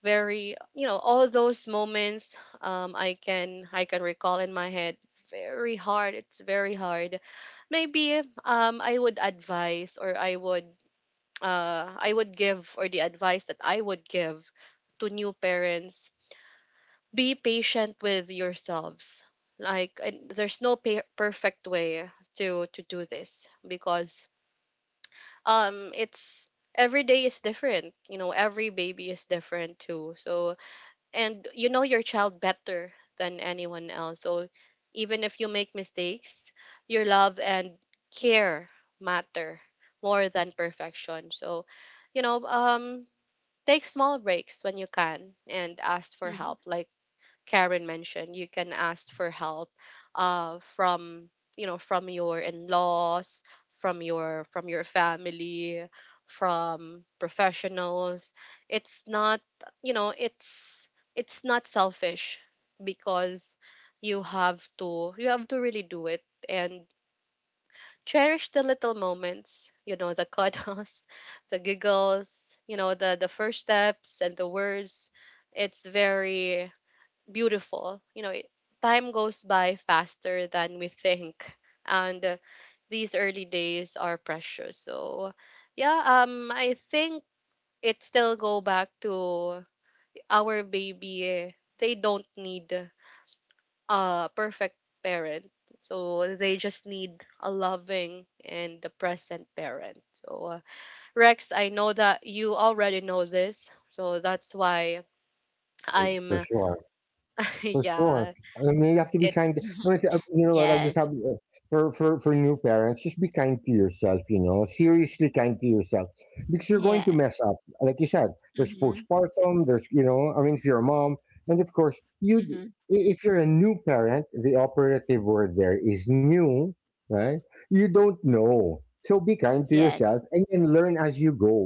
S1: very, you know, all those moments, um i can i can recall in my head. Very hard, it's very hard. Maybe, um I would advise, or I would, uh I would give, or the advice that I would give to new parents: be patient with yourselves, like, and there's no per- perfect way to to do this, because, um it's every day is different. You know, every baby is different too. So, and you know your child better than anyone else. So even if you make mistakes, your love and care matter more than perfection. So, you know, um, take small breaks when you can and ask for
S2: Mm-hmm.
S1: help. Like Karen mentioned, you can ask for help uh from you know from your in-laws, from your from your family, from professionals. It's not you know it's it's not selfish, because you have to you have to really do it and cherish the little moments, you know, the cuddles, the giggles, you know, the the first steps and the words. It's very beautiful. You know, it, time goes by faster than we think, and uh, these early days are precious. So, yeah, um, I think it still go back to our baby. They don't need a perfect parent. So they just need a loving and a present parent. So, uh, Rex, I know that you already know this. So that's why
S3: Right,
S1: I'm
S3: for sure. For sure.
S1: yeah,
S3: And you have to be
S1: it's...
S3: kind. No, it's, uh, you know what? I just have
S2: Yes.
S3: uh, for for for new parents, just be kind to yourself. You know, seriously kind to yourself because you're going
S2: Yeah.
S3: to mess up. Like you said, there's
S2: Mm-hmm.
S3: postpartum. There's, you know, I mean, if you're a mom, and of course you.
S2: Mm-hmm.
S3: i- If you're a new parent, the operative word there is new, right? You don't know, so be kind to
S2: Yes.
S3: yourself and then learn as you go,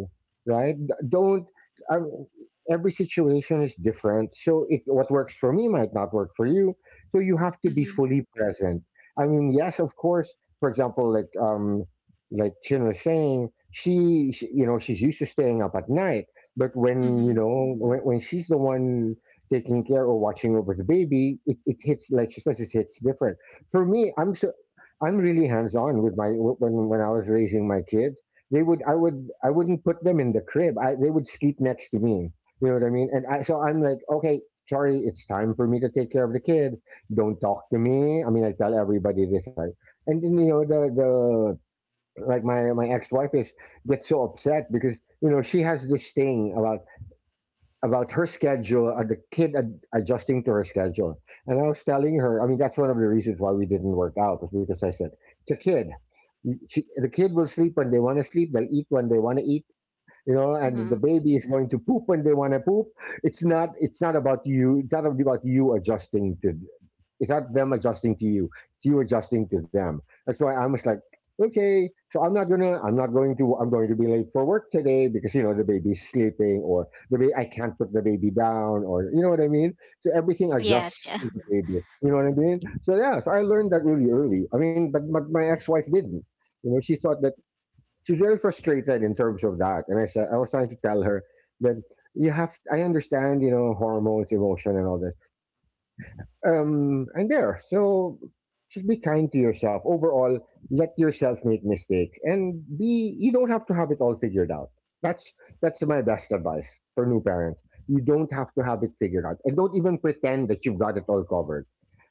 S3: right? D- Don't. um, every situation is different. So it, what works for me might not work for you. So you have to be
S2: Mhm.
S3: fully present. I mean, yes, of course. For example, like um, like Chin was saying, she, she you know she's used to staying up at night. But when you
S2: Mhm.
S3: know when, when she's the one taking care or watching over the baby, it, it hits, like she says, it hits different. For me, I'm so I'm really hands on with my when when I was raising my kids. They would I would, I wouldn't put them in the crib. I, they would sleep next to me, you know what I mean? And I, so I'm like, okay, sorry, it's time for me to take care of the kid. Don't talk to me. I mean, I tell everybody this. Like, and then you know the the, like my my ex wife is, gets so upset because you know she has this thing about about her schedule and the kid ad- adjusting to her schedule. And I was telling her, I mean, that's one of the reasons why we didn't work out, was because I said it's a kid. She, the kid will sleep when they want to sleep. They'll eat when they want to eat, you know, and the
S2: Mhm.
S3: baby is going to poop when they want to poop. It's not, it's not about you. It's not about you adjusting to, it's not them adjusting to you. It's you adjusting to them. That's why I'm just like, okay, so I'm not gonna, I'm not going to, I'm going to be late for work today because you know the baby's sleeping or the baby I can't put the baby down, or you know what I mean? So everything
S2: Yes.
S3: adjusts
S2: Yeah.
S3: to the baby, you know what I mean? So yeah, so I learned that really early. I mean, but, but my ex-wife didn't, you know, she thought that she's very frustrated in terms of that. And I said, I was trying to tell her that you have, I understand, you know, hormones, emotion, and all this. um, I'm there. So just be kind to yourself. Overall, let yourself make mistakes, and be, you don't have to have it all figured out. That's that's my best advice for new parents. You don't have to have it figured out. And don't even pretend that you've got it all covered.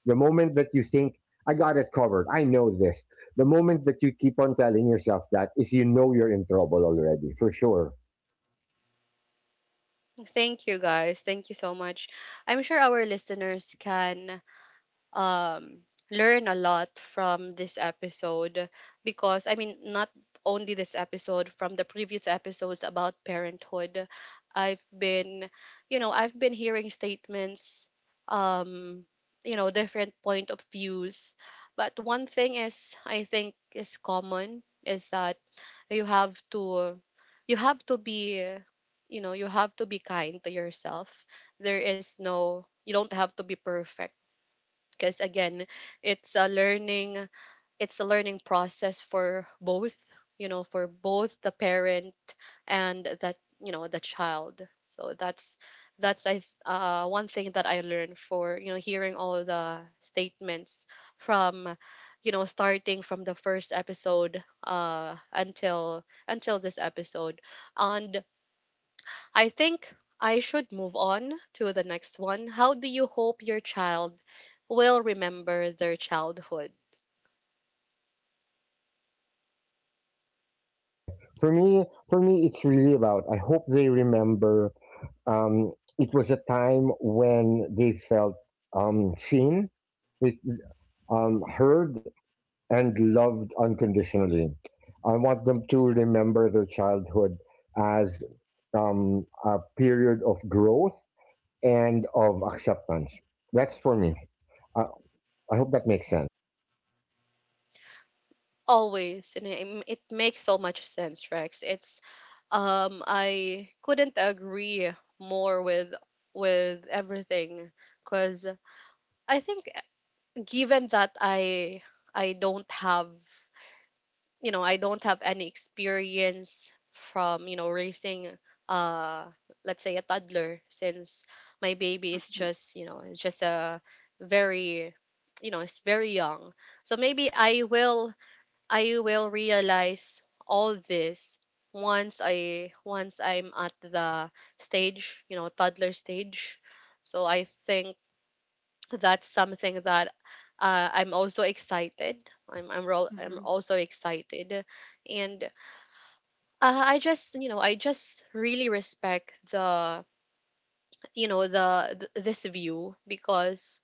S3: The moment that you think I got it covered, I know this, the moment that you keep on telling yourself that, is you know you're in trouble already, for sure.
S1: Thank you guys. Thank you so much. I'm sure our listeners can um learn a lot from this episode because, I mean, not only this episode, from the previous episodes about parenthood. I've been, you know, I've been hearing statements, um you know, different point of views. But one thing is I think is common is that you have to you have to be you know you have to be kind to yourself. There is no, you don't have to be perfect, because again it's a learning it's a learning process for both, you know, for both the parent and, that you know, the child. So that's that's i th- uh, one thing that I learned, for you know hearing all the statements from, you know starting from the first episode, uh until until this episode. And I think I should move on to the next one. How do you hope your child will remember their childhood?
S3: Okay. For me, for me, it's really about, I hope they remember. Um, it was a time when they felt um, seen, they um, heard, and loved unconditionally. I want them to remember their childhood as um, a period of growth and of acceptance. That's for me. I, I hope that makes sense.
S1: Always, and it, it makes so much sense, Rex. It's, um I couldn't agree more with with everything, because I think, uh, given that I I don't have you know I don't have any experience from, you know, raising, uh let's say a toddler, since my baby is
S2: Mhm.
S1: just, you know it's just a very, you know it's very young. So maybe I will I will realize all this once I once I'm at the stage, you know, toddler stage. So I think that's something that, uh, I'm also excited. I'm I'm ro- I'm
S2: Mhm.
S1: also excited, and uh, I just, you know, I just really respect the you know the th- this view, because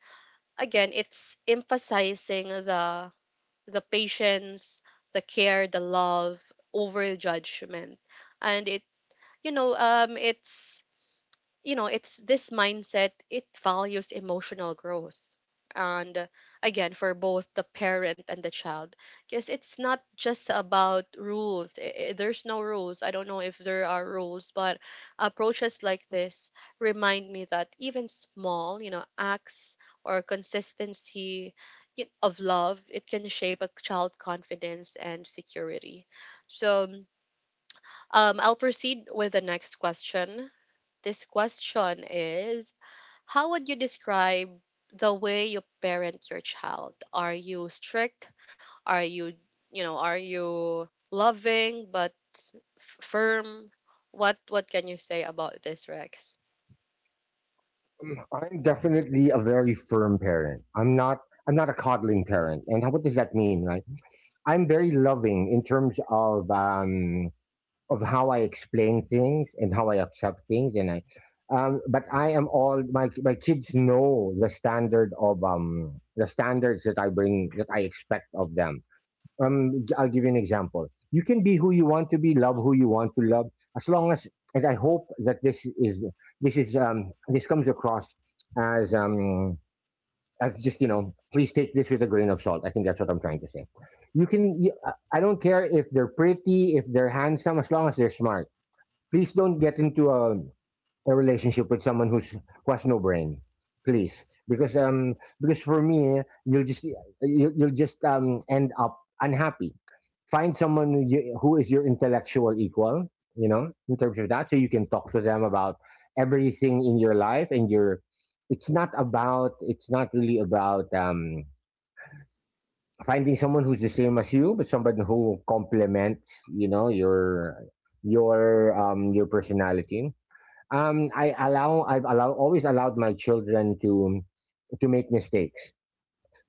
S1: again it's emphasizing the the patience, the care, the love over judgment. And it, you know, um, it's you know it's this mindset. It values emotional growth and, uh, again, for both the parent and the child, because it's not just about rules. I- I- there's no rules. I don't know if there are rules, but approaches like this remind me that even small, you know acts or consistency y- of love, it can shape a child confidence and security. So, um, I'll proceed with the next question. This question is: how would you describe the way you parent your child? Are you strict? Are you, you know, are you loving but f- firm? What what can you say about this, Rex?
S3: I'm definitely a very firm parent. I'm not. I'm not a coddling parent. And how, what does that mean, right? I'm very loving in terms of um, of how I explain things and how I accept things, and I. Um, but I am, all my my kids know the standard of um the standards that I bring that I expect of them. Um, g- I'll give you an example. You can be who you want to be, love who you want to love, as long as. And I hope that this is this is um this comes across as um as just, you know, please take this with a grain of salt, I think that's what I'm trying to say. you can you, I- I don't care if they're pretty, if they're handsome, as long as they're smart. Please don't get into a a relationship with someone who's, who has no brain, please, because um because for me you'll just, you'll, you'll just um end up unhappy. Find someone who you- who is your intellectual equal, you know, in terms of that, so you can talk to them about everything in your life and your, it's not about, it's not really about um finding someone who's the same as you, but somebody who complements, you know, your your um your personality. um, I allow I've, allow, always allowed my children to to make mistakes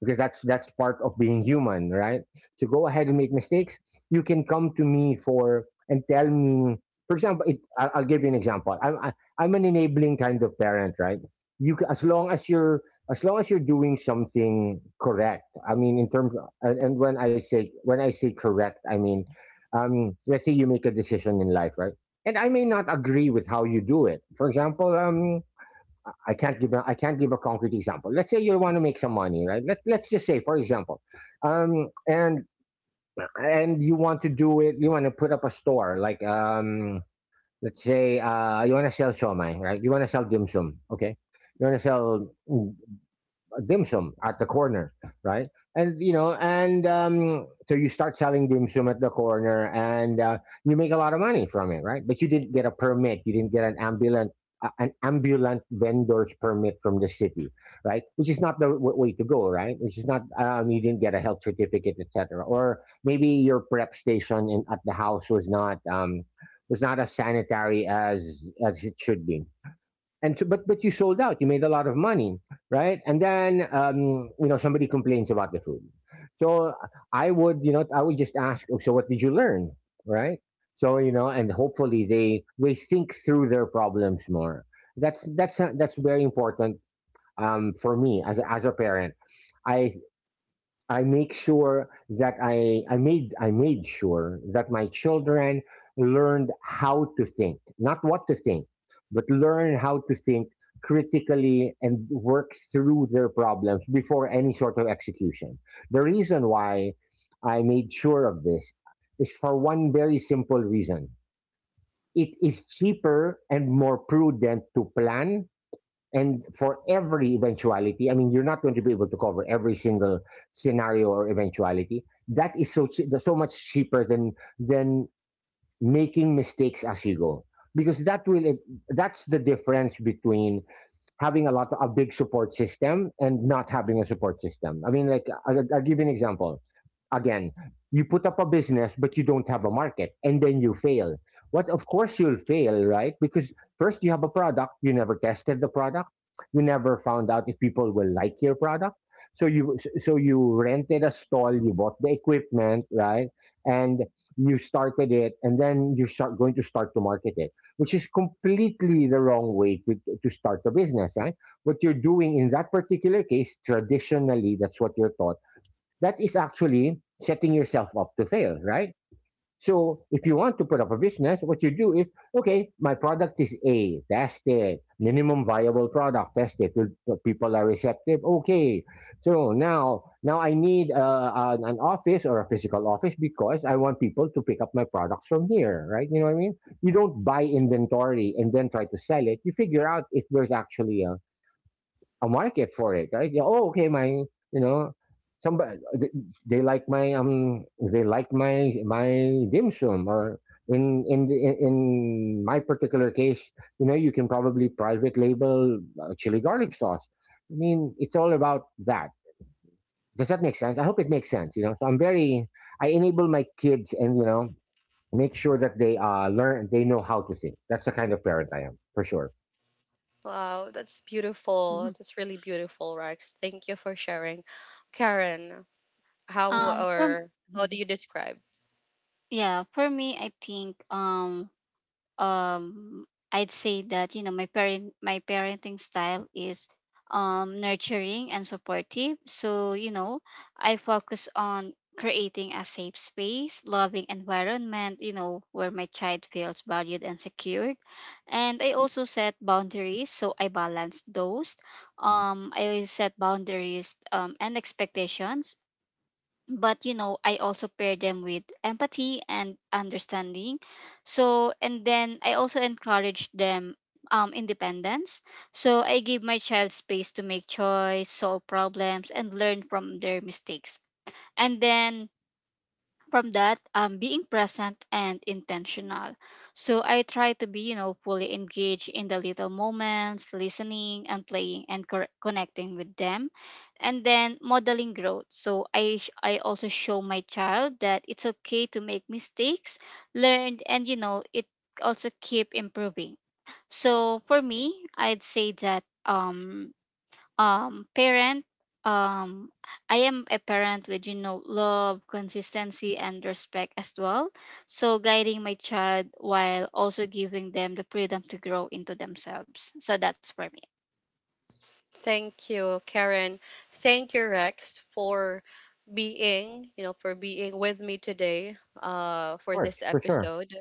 S3: because that's that's part of being human, right? To go ahead and make mistakes, you can come to me for and tell me. For example, it, I'll, I'll give you an example. I'm I, I'm an enabling kind of parent, right? You ca- as long as you're, as long as you're doing something correct. I mean, in terms of, and and when I say, when I say correct, I mean, um, let's say you make a decision in life, right? And I may not agree with how you do it. For example, um, I can't give a, I can't give a concrete example. Let's say you want to make some money, right? Let Let's just say, for example, um, and and you want to do it. You want to put up a store, like um, let's say uh, you want to sell shawmai, right? You want to sell dim sum, okay? You want to sell dim sum at the corner, right? And you know, and um, so you start selling dim sum at the corner, and uh, you make a lot of money from it, right? But you didn't get a permit. You didn't get an ambulant uh, an ambulant vendor's permit from the city, right? Which is not the w- way to go, right? Which is not um, you didn't get a health certificate, et cetera. Or maybe your prep station in, at the house was not um, was not as sanitary as as it should be and so, but but you sold out. You made a lot of money, right? And then um, you know somebody complains about the food. So I would, you know, I would just ask, "Oh, so what did you learn, right?" So you know, and hopefully they they think through their problems more. That's that's that's very important um, for me as a, as a parent. I I make sure that I, I made I made sure that my children learned how to think, not what to think, but learn how to think critically and work through their problems before any sort of execution. The reason why I made sure of this is for one very simple reason. It is cheaper and more prudent to plan and for every eventuality. I mean, you're not going to be able to cover every single scenario or eventuality that is so chea- so much cheaper than than making mistakes as you go, because that will that's the difference between having a lot of a big support system and not having a support system. I mean, like I, I'll give you an example. Again, you put up a business but you don't have a market, and then you fail. What? Of course, you'll fail, right? Because first you have a product, you never tested the product, you never found out if people will like your product. So you so so you rented a stall, you bought the equipment, right? And you started it, and then you start going to start to market it, which is completely the wrong way to, to start a business, right? What you're doing in that particular case, traditionally, that's what you're taught. That is actually setting yourself up to fail, right? So if you want to put up a business, what you do is, okay, my product is A, test it. Minimum viable product, test it. Will- People are receptive. Okay. So now, now I need uh, an, an office or a physical office because I want people to pick up my products from here, right? You know what I mean? You don't buy inventory and then try to sell it. You figure out if there's actually a, a market for it, right? Yeah, oh, okay, my, you know, somebody they, they like my um they like my my dim sum or in in the- in in my particular case, you know, you can probably private label uh, chili garlic sauce. I mean, it's all about that. Does that make sense? I hope it makes sense. You know, so I'm very, I enable my kids and, you know, make sure that they uh learn, they know how to think. That's the kind of parent I am, for sure.
S1: Wow, that's beautiful.
S2: Mhm.
S1: That's really beautiful, Rex. Thank you for sharing. Karen, how
S2: Um. For m-.
S1: or how do
S2: Mhm.
S1: you describe?
S2: Yeah. For me, I think, um um I'd say that, you know, my parent my parenting style is um nurturing and supportive. So, you know, I focus on creating a safe space, loving environment, you know, where my child feels valued and secured. And I also set boundaries, so I balance those. Um, I set boundaries, um and expectations, but you know, I also pair them with empathy and understanding. So and then I also encourage them, um, independence. So I give my child space to make choice, solve problems, and learn from their mistakes. And then from that, um, being present and intentional. So I try to be, you know, fully engaged in the little moments, listening and playing and cor- connecting with them. And then modeling growth. So i sh- I also show my child that it's okay to make mistakes, learn, and you know, it also keep improving. So for me, I'd say that um um parent um I am a parent with, you know, love, consistency, and respect as well. So guiding my child while also giving them the freedom to grow into themselves. So that's for me.
S1: Thank you, Karen. Thank you, Rex, for being, you know, for being with me today, uh,
S3: Of
S1: for
S3: course,
S1: this
S3: for sure,
S1: episode.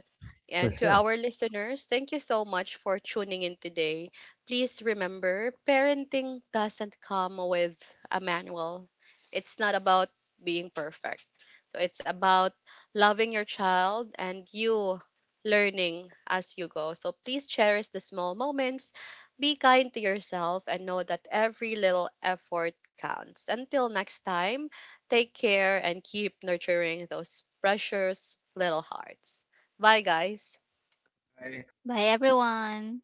S3: for
S1: And to
S3: sure.
S1: our listeners, thank you so much for tuning in today. Please remember, parenting doesn't come with a manual. It's not about being perfect. So it's about loving your child and you learning as you go. So please cherish the small moments, be kind to yourself, and know that every little effort counts. Until next time, take care and keep nurturing those precious little hearts. Bye, guys.
S2: Bye, everyone.